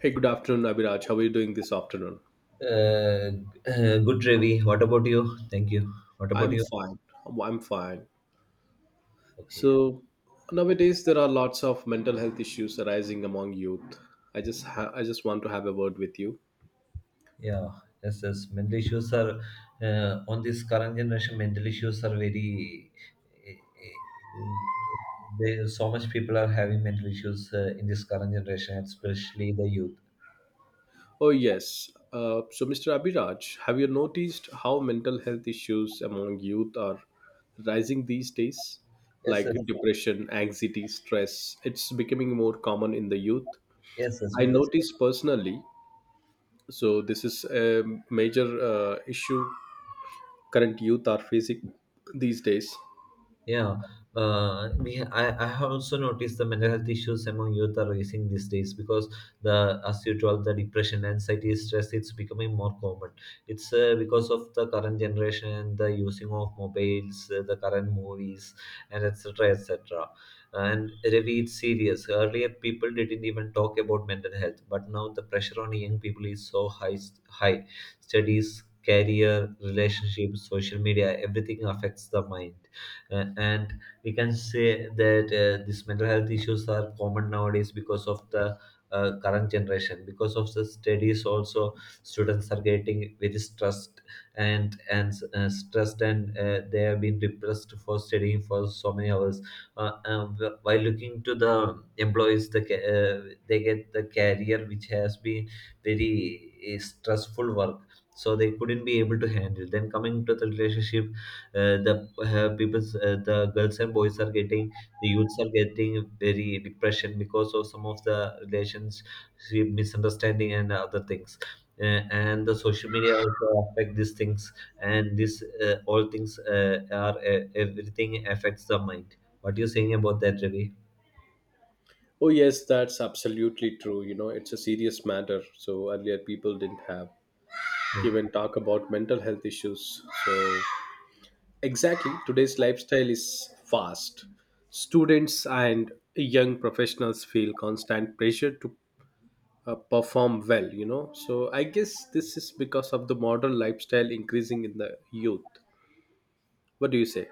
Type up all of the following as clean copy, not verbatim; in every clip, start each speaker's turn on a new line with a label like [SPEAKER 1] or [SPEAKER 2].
[SPEAKER 1] Hey, good afternoon, Abhiraj. How are you doing this afternoon?
[SPEAKER 2] Uh, good, Ravi. What about you? Thank you. What about
[SPEAKER 1] I'm
[SPEAKER 2] you?
[SPEAKER 1] fine. I'm fine.
[SPEAKER 2] Okay.
[SPEAKER 1] So nowadays there are lots of mental health issues arising among youth. I just want to have a word with you.
[SPEAKER 2] Yeah. Yes, yes. Mental issues are on this current generation. Mental issues are very. There, so much people are having mental issues in this current generation, especially the youth.
[SPEAKER 1] Oh yes. So Mr. Abhiraj, have you noticed how mental health issues among youth are rising these days?
[SPEAKER 2] Yes,
[SPEAKER 1] Like
[SPEAKER 2] yes,
[SPEAKER 1] depression, anxiety, stress. It's becoming more common in the youth.
[SPEAKER 2] yes, yes.
[SPEAKER 1] I
[SPEAKER 2] Because
[SPEAKER 1] noticed personally. So this is a major issue current youth are facing these days.
[SPEAKER 2] Yeah, I have also noticed the mental health issues among youth are rising these days because the as you told the depression, anxiety, stress it's becoming more common. It's because of the current generation, the using of mobiles, the current movies, and etc. etc. And Ravi, it's serious. Earlier, people didn't even talk about mental health, but now the pressure on young people is so high. High studies, career, relationships, social media, everything affects the mind and we can say that these mental health issues are common nowadays because of the current generation, because of the studies also students are getting very stressed and stressed and they have been depressed for studying for so many hours while looking to the employees the they get the career which has been very stressful work, so they couldn't be able to handle, then coming to the relationship the people the girls and boys are getting, the youths are getting very depression because of some of the relations, misunderstanding and other things, and the social media also affect these things, and this all things are everything affects the mind. What you saying about that, Ravi?
[SPEAKER 1] Oh, yes, that's absolutely true. You know, it's a serious matter. So earlier people didn't have
[SPEAKER 2] Hmm.
[SPEAKER 1] even talk about mental health issues. So exactly, today's lifestyle is fast. Students and young professionals feel constant pressure to perform well, you know. So I guess this is because of the modern lifestyle increasing in the youth. What do you say?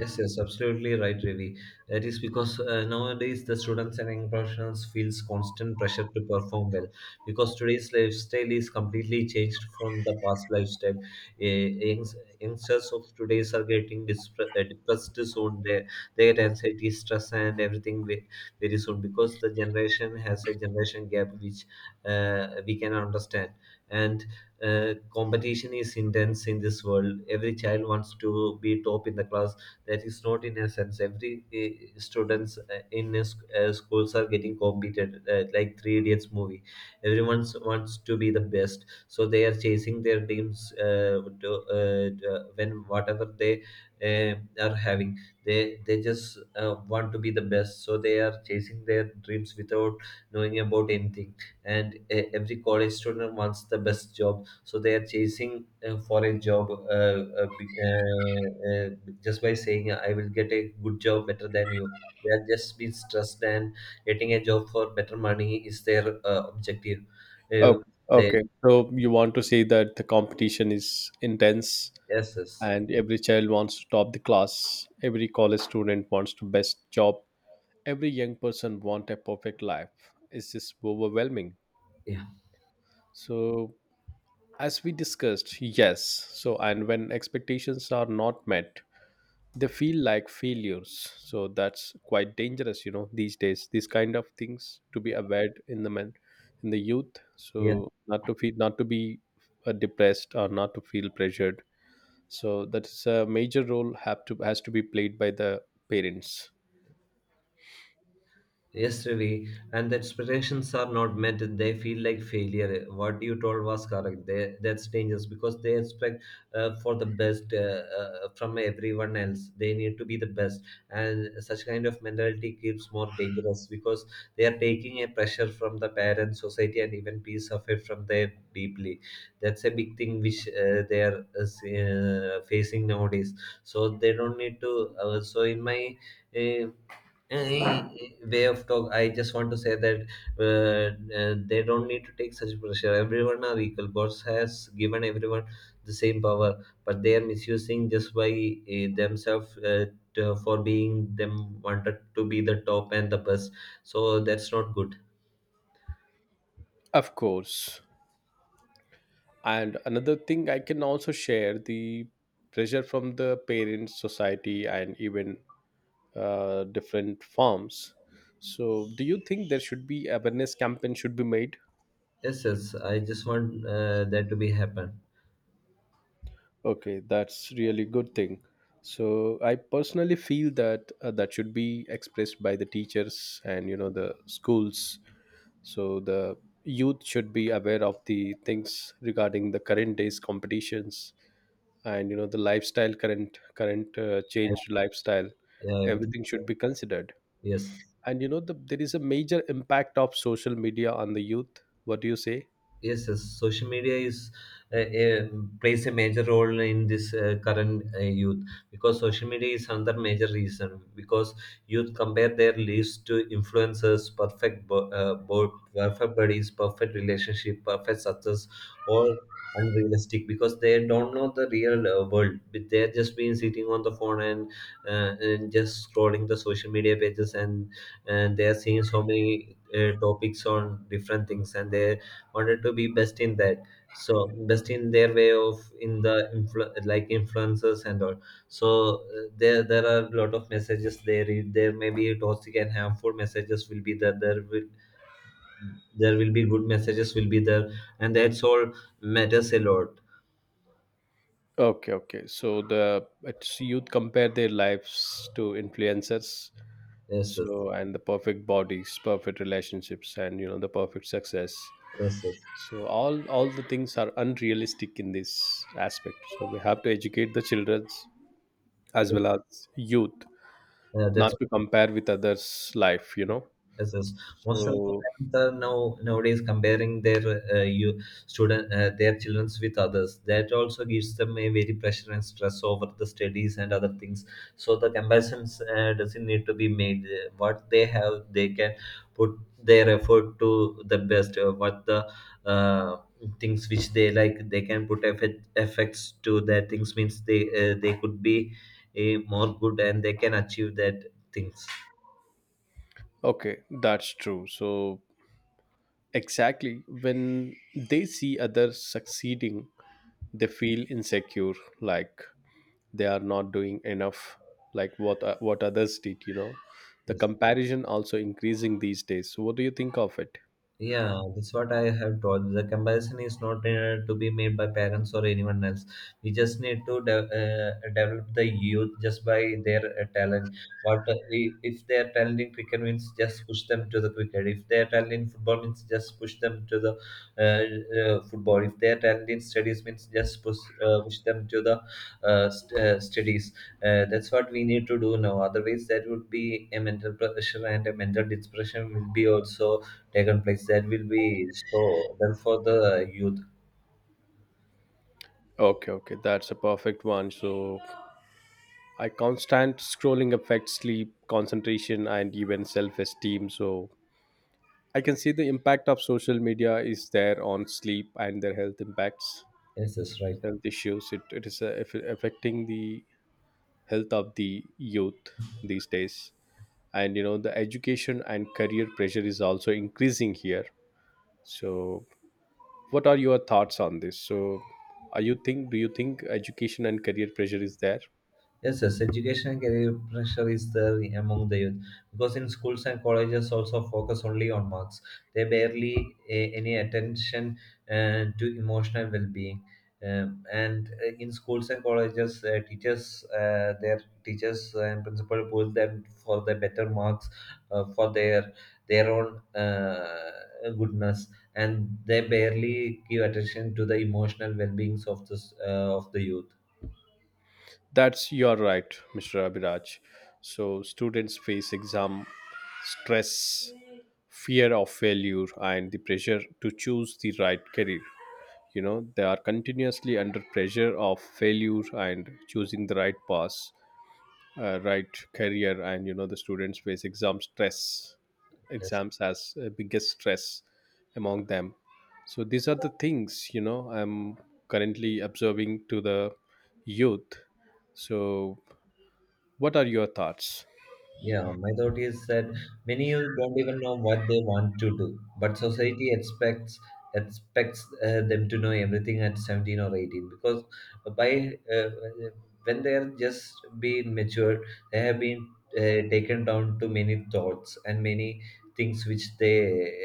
[SPEAKER 2] Yes, yes, absolutely right, Ravi. That is because nowadays the students and young professionals feels constant pressure to perform well because today's lifestyle is completely changed from the past lifestyle. Youngsters of today's are getting depressed soon. They get anxiety, stress, and everything very soon because the generation has a generation gap which we can understand. And competition is intense in this world. Every child wants to be top in the class, that is not in essence every students in a schools are getting competed like Three Idiots movie, everyone wants to be the best, so they are chasing their dreams when whatever they are having they just want to be the best, so they are chasing their dreams without knowing about anything, and every college student wants the best job, so they are chasing for a job just by saying I will get a good job better than you. They are just being stressed, and getting a job for better money is their objective. uh,
[SPEAKER 1] Okay.
[SPEAKER 2] they
[SPEAKER 1] Okay. So you want to say that the competition is intense,
[SPEAKER 2] yes, yes
[SPEAKER 1] and every child wants to top the class, every college student wants to best job, every young person want a perfect life. It's just overwhelming.
[SPEAKER 2] yeah.
[SPEAKER 1] So as we discussed, yes. So and when expectations are not met, they feel like failures, so that's quite dangerous. You know, these days these kind of things to be aware in the men in the youth,
[SPEAKER 2] Yeah.
[SPEAKER 1] so not to feel, not to be depressed or not to feel pressured. So that's a major role have to has to be played by the parents.
[SPEAKER 2] Yes, really. And the expectations are not met, they feel like failure. What you told was correct. They, that's dangerous because they expect for the best from everyone else. They need to be the best. And such kind of mentality keeps more dangerous because they are taking a pressure from the parents, society, and even piece of it from their deeply. That's a big thing which they are facing nowadays. So they don't need to. So in my. uh, uh, way of talk, I just want to say that uh, they don't need to take such pressure. Everyone are equal. Boss has given everyone the same power, but they are misusing just by themselves, to- for being them wanted to be the top and the best. So that's not good.
[SPEAKER 1] Of course. And another thing I can also share the pressure from the parents, society, and even different forms. So do you think there should be awareness campaign should be made?
[SPEAKER 2] Yes, yes, I just want that to be happen.
[SPEAKER 1] Okay, that's really good thing. So I personally feel that that should be expressed by the teachers and you know the schools. So the youth should be aware of the things regarding the current days competitions and you know the lifestyle, current changed lifestyle.
[SPEAKER 2] Yeah, everything.
[SPEAKER 1] Everything should be considered.
[SPEAKER 2] Yes.
[SPEAKER 1] And you know, there is a major impact of social media on the youth. What do you say?
[SPEAKER 2] Yes, yes. Social media is uh, uh, plays a major role in this current youth because social media is another major reason, because youth compare their lives to influencers, perfect perfect bodies, perfect relationship, perfect success, all unrealistic, because they don't know the real world. But they're just been sitting on the phone and and just scrolling the social media pages, and they are seeing so many topics on different things, and they wanted to be best in that, so best in their way of in the like influences and all. So there are a lot of messages they read, there may be toxic and harmful messages will be there, there will be good messages will be there, and that's all matters a lot.
[SPEAKER 1] Okay, okay. So the it's youth compare their lives to influencers.
[SPEAKER 2] Yes, yes.
[SPEAKER 1] So and the perfect bodies, perfect relationships, and you know the perfect success.
[SPEAKER 2] Yes, yes.
[SPEAKER 1] So all the things are unrealistic in this aspect. So we have to educate the children as well as youth
[SPEAKER 2] Yeah,
[SPEAKER 1] not
[SPEAKER 2] that's
[SPEAKER 1] to compare with others' life, you know.
[SPEAKER 2] yes, yes. Most of the
[SPEAKER 1] So
[SPEAKER 2] parents are now nowadays comparing their you student their childrens with others. That also gives them a very pressure and stress over the studies and other things. So the comparisons doesn't need to be made. What they have, they can put their effort to the best. What the uh, things which they like, they can put effects to their things. Means they could be a more good, and they can achieve that things.
[SPEAKER 1] okay, that's true. So exactly when they see others succeeding, they feel insecure. Like they are not doing enough, like what others did. You know, the
[SPEAKER 2] Yes.
[SPEAKER 1] comparison also increasing these days, so what do you think of it?
[SPEAKER 2] Yeah, that's what I have told. The comparison is not to be made by parents or anyone else. We just need to develop the youth just by their talent. What if they are talented in cricket means just push them to the cricket. If they are talented in football means just push them to the uh, football. If they are talented in studies means just push them to the studies. That's what we need to do now. Otherwise, that would be a mental pressure and a mental depression will be also taken place, that will be so well for the youth.
[SPEAKER 1] Okay, okay, that's a perfect one. So I constant scrolling affects sleep, concentration, and even self-esteem. So I can see the impact of social media is there on sleep and their health impacts,
[SPEAKER 2] Yes, that's right.
[SPEAKER 1] health issues. It is affecting the health of the youth these days. And you know the education and career pressure is also increasing here. So what are your thoughts on this? So are you think, do you think education and career pressure is there?
[SPEAKER 2] Yes, yes, education and career pressure is there among the youth, because in schools and colleges also focus only on marks. They barely a, any attention to emotional well-being. And In schools and colleges, their teachers and principal push them for the better marks, for their own goodness, and they barely give attention to the emotional well-beings of this of the youth.
[SPEAKER 1] That's you're right, Mr. Abhiraj. So students face exam stress, fear of failure, and the pressure to choose the right career. You know, they are continuously under pressure of failure and choosing the right path, right career. And you know the students face exam stress,
[SPEAKER 2] Yes.
[SPEAKER 1] exams as biggest stress among them. So these are the things, you know, I'm currently observing to the youth. So what are your thoughts?
[SPEAKER 2] Yeah, my thought is that many youth don't even know what they want to do, but society expects them to know everything at 17 or 18, because by when they are just being matured, they have been taken down to many thoughts and many things which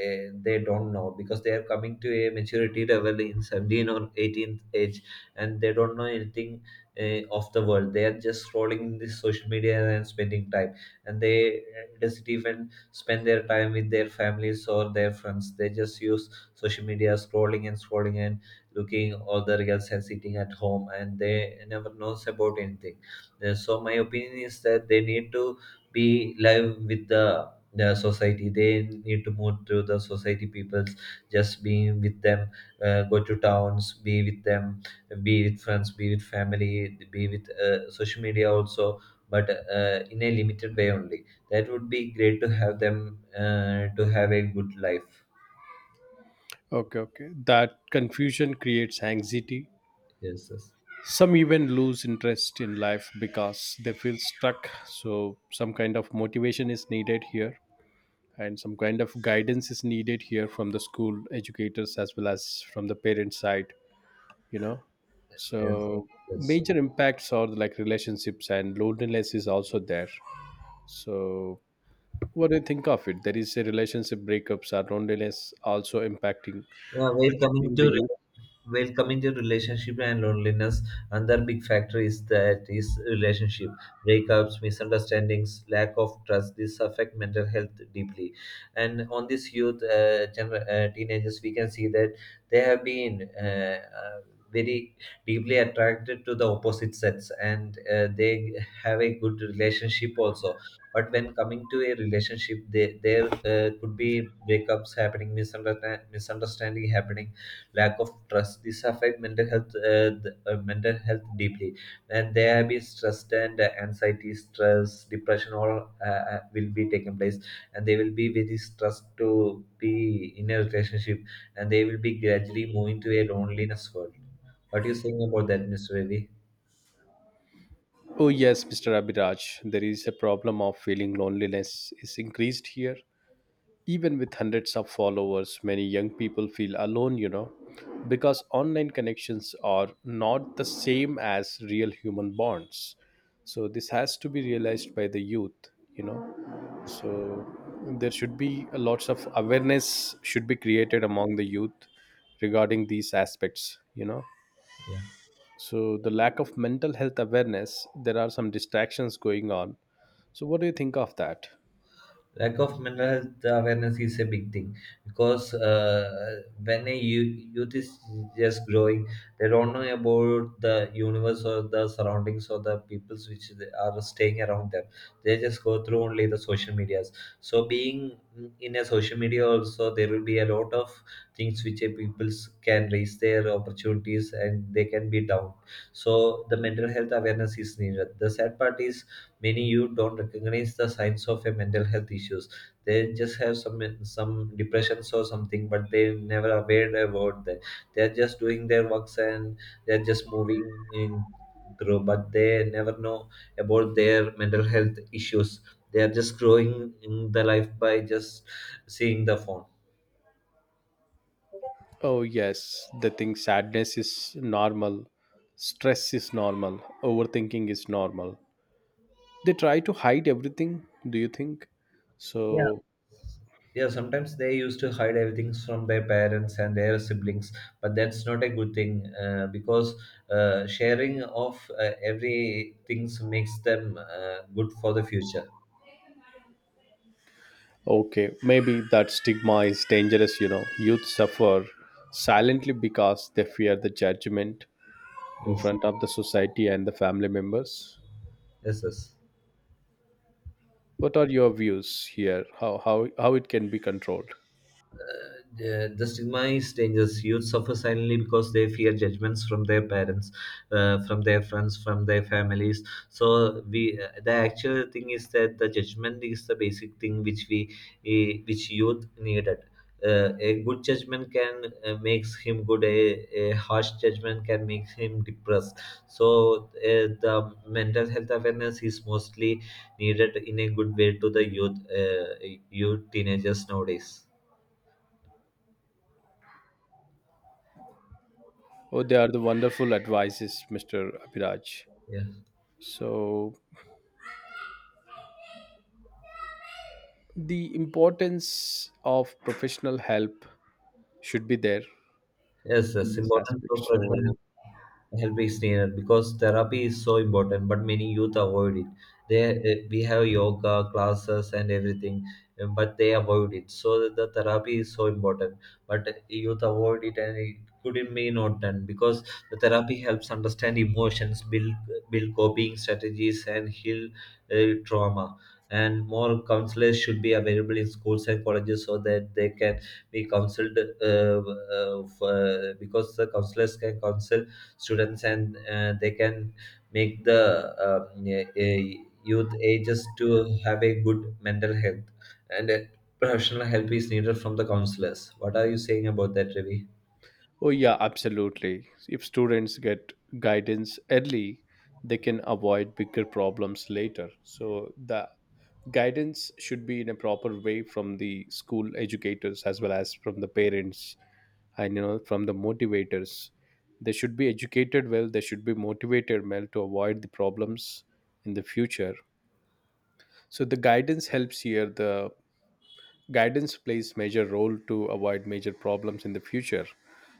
[SPEAKER 2] they don't know, because they are coming to a maturity level in 17 or 18th age, and they don't know anything of the world. They are just scrolling this social media and spending time, and they doesn't even spend their time with their families or their friends. They just use social media, scrolling and scrolling and looking all the reels and sitting at home, and they never knows about anything. So my opinion is that they need to be live with the society, they need to move to the society peoples, just being with them, go to towns, be with them, be with friends, be with family, be with social media also, but in a limited way only. That would be great to have them to have a good life.
[SPEAKER 1] Okay, okay, that confusion creates anxiety.
[SPEAKER 2] Yes, yes.
[SPEAKER 1] Some even lose interest in life because they feel stuck, so some kind of motivation is needed here, and some kind of guidance is needed here from the school educators as well as from the parent side, you know.
[SPEAKER 2] Yes.
[SPEAKER 1] So
[SPEAKER 2] Yes.
[SPEAKER 1] major impacts are like relationships and loneliness is also there. So what do you think of it? There is a relationship breakups are loneliness also impacting,
[SPEAKER 2] Yeah, we're coming
[SPEAKER 1] affecting the
[SPEAKER 2] to
[SPEAKER 1] youth.
[SPEAKER 2] While coming to relationship and loneliness, another big factor is that is relationship breakups, misunderstandings, lack of trust, this affect mental health deeply. And on this youth teenagers, we can see that they have been very deeply attracted to the opposite sex, and they have a good relationship also, but when coming to a relationship they, there could be breakups happening, misunderstanding happening, lack of trust. This affect mental health, mental health deeply, and there have been stress and anxiety, stress, depression, all will be taking place, and they will be very stressed to be in a relationship, and they will be gradually moving to a loneliness world. What do you think about that, Mr. Ravi?
[SPEAKER 1] Oh yes, Mr. Abhiraj, there is a problem of feeling loneliness is increased here. Even with hundreds of followers, many young people feel alone, you know, because online connections are not the same as real human bonds. So this has to be realized by the youth, you know. So there should be a lots of awareness should be created among the youth regarding these aspects, you know.
[SPEAKER 2] Yeah.
[SPEAKER 1] So the lack of mental health awareness, there are some distractions going on. So what do you think of that?
[SPEAKER 2] Lack of mental health awareness is a big thing, because when a youth is just growing, they don't know about the universe or the surroundings or the peoples which they are staying around them, they just go through only the social medias. So being in a social media also, there will be a lot of things which a peoples can raise their opportunities and they can be down. So the mental health awareness is needed. The sad part is many you don't recognize the signs of a mental health issues. They just have some depressions or something, but they never aware about that. They're just doing their works and they're just moving in through, but they never know about their mental health issues. They are just growing in the life by just seeing the phone.
[SPEAKER 1] Oh, yes. The thing sadness is normal, stress is normal, overthinking is normal. They try to hide everything, do you think?
[SPEAKER 2] Yeah.
[SPEAKER 1] So,
[SPEAKER 2] Yeah, sometimes they used to hide everything from their parents and their siblings, but that's not a good thing because sharing of every things makes them good for the future.
[SPEAKER 1] okay, maybe that stigma is dangerous, you know. Youth suffer silently because they fear the judgment in
[SPEAKER 2] Yes,
[SPEAKER 1] front of the society and the family members.
[SPEAKER 2] yes, yes.
[SPEAKER 1] What are your views here? How it can be controlled?
[SPEAKER 2] The stigma is dangerous. Youth suffer silently because they fear judgments from their parents, from their friends, from their families. So the actual thing is that the judgment is the basic thing which youth needed. A good judgment can makes him good. A harsh judgment can make him depressed. So the mental health awareness is mostly needed in a good way to the youth, youth teenagers nowadays.
[SPEAKER 1] Oh, they are the wonderful advices, Mr. Abhiraj.
[SPEAKER 2] Yeah.
[SPEAKER 1] So, the importance of professional help should be there
[SPEAKER 2] Yes,
[SPEAKER 1] in
[SPEAKER 2] yes,
[SPEAKER 1] this
[SPEAKER 2] important
[SPEAKER 1] aspect.
[SPEAKER 2] professional
[SPEAKER 1] So
[SPEAKER 2] help me stay because therapy is so important, but many youth avoid it there. We have yoga classes and everything, but they avoid it, so the therapy is so important but youth avoid it and it could not may not done because the therapy helps understand emotions, build coping strategies and heal trauma, and more counselors should be available in schools and colleges so that they can be counseled because the counselors can counsel students and they can make the youth ages to have a good mental health, and professional help is needed from the counselors. What are you saying about that, Ravi?
[SPEAKER 1] oh yeah, absolutely, if students get guidance early, they can avoid bigger problems later. So the guidance should be in a proper way from the school educators as well as from the parents, and you know from the motivators. They should be educated well, they should be motivated well to avoid the problems in the future. So the guidance helps here. The guidance plays major role to avoid major problems in the future.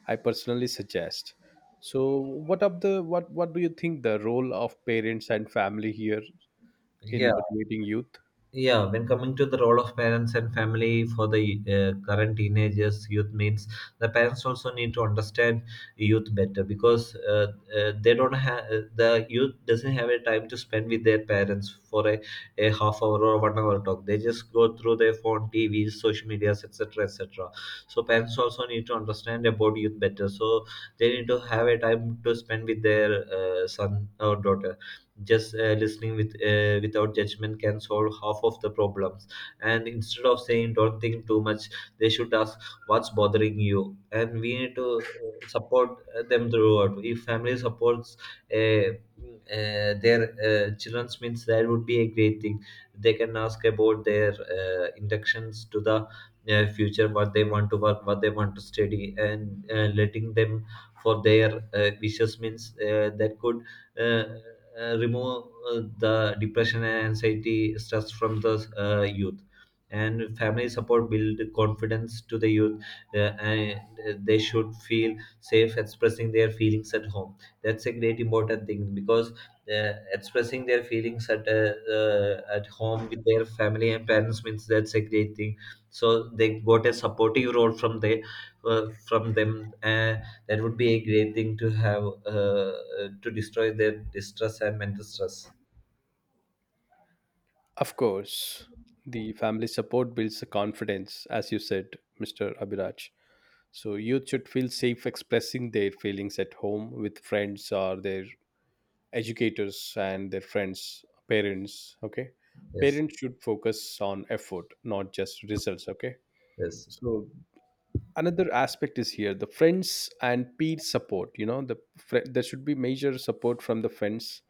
[SPEAKER 1] I personally suggest. So, what do you think the role of parents and family here
[SPEAKER 2] Yeah.
[SPEAKER 1] in motivating youth?
[SPEAKER 2] Yeah, when coming to the role of parents and family for the current teenagers youth means the parents also need to understand youth better because they don't have, the youth doesn't have a time to spend with their parents for a half hour or one hour talk. They just go through their phone, tvs, social medias, etc, etc. So parents also need to understand about youth better, so they need to have a time to spend with their son or daughter. Just listening with without judgment can solve half of the problems, and instead of saying don't think too much they should ask what's bothering you, and we need to support them throughout. If family supports their children's means that would be a great thing. They can ask about their inductions to the future, what they want to work, what they want to study, and letting them for their wishes means that could uh, remove the depression and anxiety stress from the youth, and family support build confidence to the youth. And they should feel safe expressing their feelings at home. That's a great important thing, because expressing their feelings at home with their family and parents means that's a great thing. So they got a supportive role from they, from them. That would be a great thing to have, to destroy their distress and mental stress.
[SPEAKER 1] Of course, the family support builds the confidence, as you said, Mr. Abhiraj. So youth should feel safe expressing their feelings at home with friends or their educators and their friends, parents. Okay,
[SPEAKER 2] Yes,
[SPEAKER 1] parents should focus on effort, not just results. Okay,
[SPEAKER 2] yes.
[SPEAKER 1] so another aspect is here the friends and peer support. You know, there should be major support from the friends.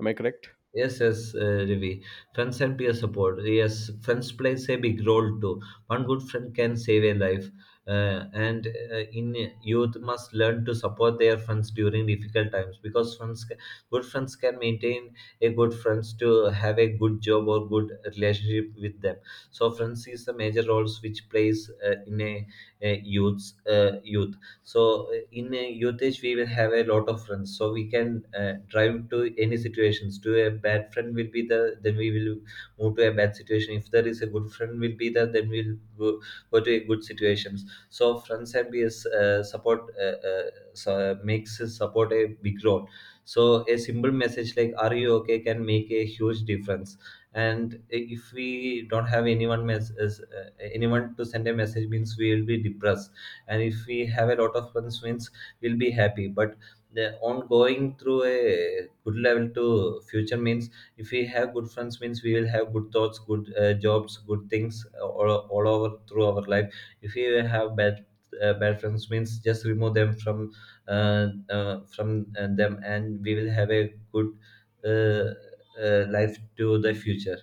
[SPEAKER 1] Am I correct?
[SPEAKER 2] Yes, yes, Ravi. Friends and peer support. Yes, friends plays a big role too. One good friend can save a life. And in youth must learn to support their friends during difficult times because good friends can maintain a good friends to have a good job or good relationship with them. So friends is the major roles which plays a youth's youth. So in a youth age we will have a lot of friends, so we can drive to any situations. To a bad friend will be there, then we will move to a bad situation. If there is a good friend will be there, then go to a good situations. So friends and peers support so makes us support a big role. So a simple message like are you okay can make a huge difference, and if we don't have anyone anyone to send a message means we will be depressed, and if we have a lot of fun wins we'll be happy. But the ongoing through a good level to future means if we have good friends means we will have good thoughts, good jobs, good things, all over through our life. If we have bad friends means just remove them from them, and we will have a good uh, life to the future.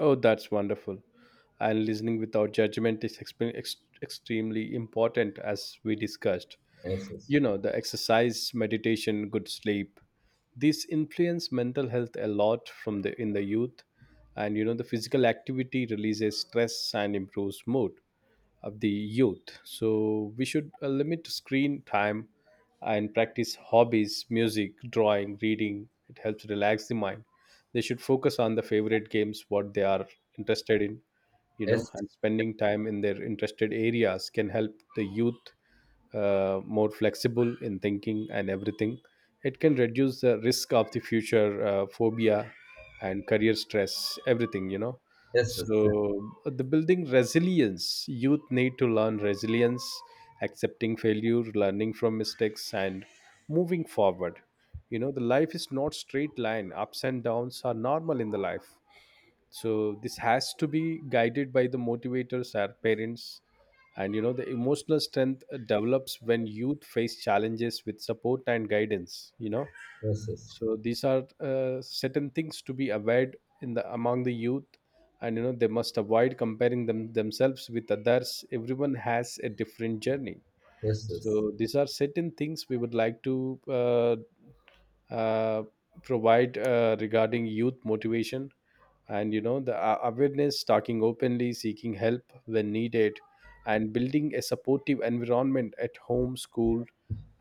[SPEAKER 1] Oh, that's wonderful. And listening without judgment is extremely important, as we discussed.
[SPEAKER 2] Yes,
[SPEAKER 1] You know, the exercise, meditation, good sleep. These influence mental health a lot from the in the youth, and you know the physical activity releases stress and improves mood of the youth. So we should limit screen time and practice hobbies, music, drawing, reading. It helps relax the mind. They should focus on the favorite games, what they are interested in, you know,
[SPEAKER 2] yes,
[SPEAKER 1] and spending time in their interested areas can help the youth more flexible in thinking and everything. It can reduce the risk of the future phobia and career stress, everything, you know.
[SPEAKER 2] yes, yes.
[SPEAKER 1] So, the building resilience, youth need to learn resilience, accepting failure, learning from mistakes, and moving forward. You know, the life is not straight line, ups and downs are normal in the life, so this has to be guided by the motivators, our parents. And you know the emotional strength develops when youth face challenges with support and guidance, you know.
[SPEAKER 2] Yes, yes, yes, yes.
[SPEAKER 1] So these are certain things to be avoided in the among the youth. And you know they must avoid comparing themselves with others, everyone has a different journey.
[SPEAKER 2] Yes, yes,
[SPEAKER 1] So these are certain things we would like to uh, provide regarding youth motivation. And you know the awareness, talking openly, seeking help when needed, and building a supportive environment at home, school,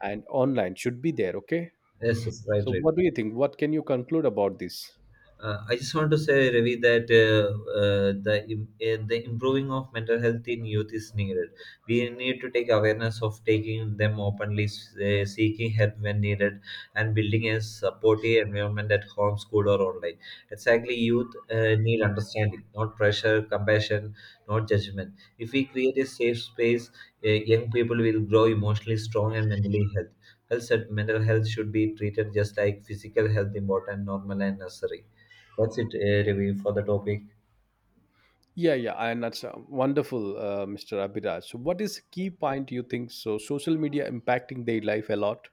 [SPEAKER 1] and online should be there. Okay,
[SPEAKER 2] yes, yes, right,
[SPEAKER 1] so
[SPEAKER 2] right.
[SPEAKER 1] what do you think? What can you conclude about this?
[SPEAKER 2] I just want to say, Ravi, that the improving of mental health in youth is needed. We need to take awareness of taking them openly, seeking help when needed, and building a supportive environment at home, school, or online. Exactly, youth need understanding, not pressure, compassion, not judgment. If we create a safe space, young people will grow emotionally strong and mentally healthy. Health, mental health should be treated just like physical health, important, normal, and necessary. What's it, review for the topic?
[SPEAKER 1] Yeah, yeah, and that's wonderful, Mr. Abhiraj. So what is key point you think? So social media impacting their life a lot.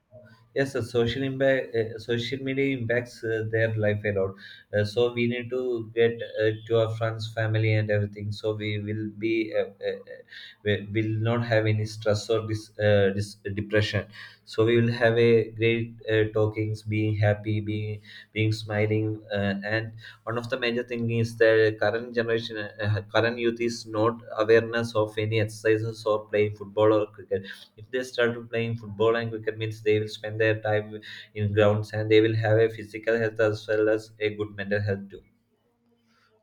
[SPEAKER 2] Yes, the social impact, social media impacts their life a lot. So we need to get to our friends, family and everything, so we will be, uh, uh, uh, we will not have any stress or this depression. So we will have a great talkings, being happy, being being smiling. And one of the major thing is the current generation, current youth is not awareness of any exercises or playing football or cricket. If they start playing football and cricket means they will spend their time in grounds, and they will have a physical health as well as a good mental health too.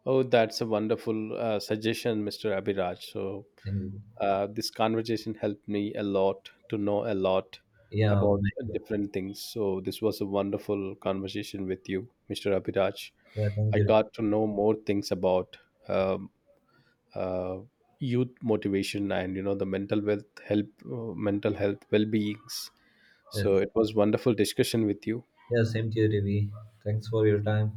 [SPEAKER 1] Oh, that's a wonderful suggestion, Mr. Abhiraj. So,
[SPEAKER 2] Thank you.
[SPEAKER 1] this conversation helped me a lot to know a lot
[SPEAKER 2] Yeah,
[SPEAKER 1] about
[SPEAKER 2] my God.
[SPEAKER 1] different things. So, this was a wonderful conversation with you, Mr. Abhiraj.
[SPEAKER 2] Yeah, thank
[SPEAKER 1] I
[SPEAKER 2] you.
[SPEAKER 1] got to know more things about um, uh, youth motivation and you know the mental health well beings. So,
[SPEAKER 2] Yes.
[SPEAKER 1] it was wonderful discussion with you.
[SPEAKER 2] Yeah, same to you, Ravi. Thanks for your time.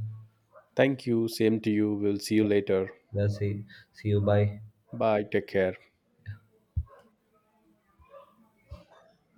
[SPEAKER 1] Thank you. Same to you. We'll see you later.
[SPEAKER 2] Yeah, see, see you. Bye.
[SPEAKER 1] Bye. Take care.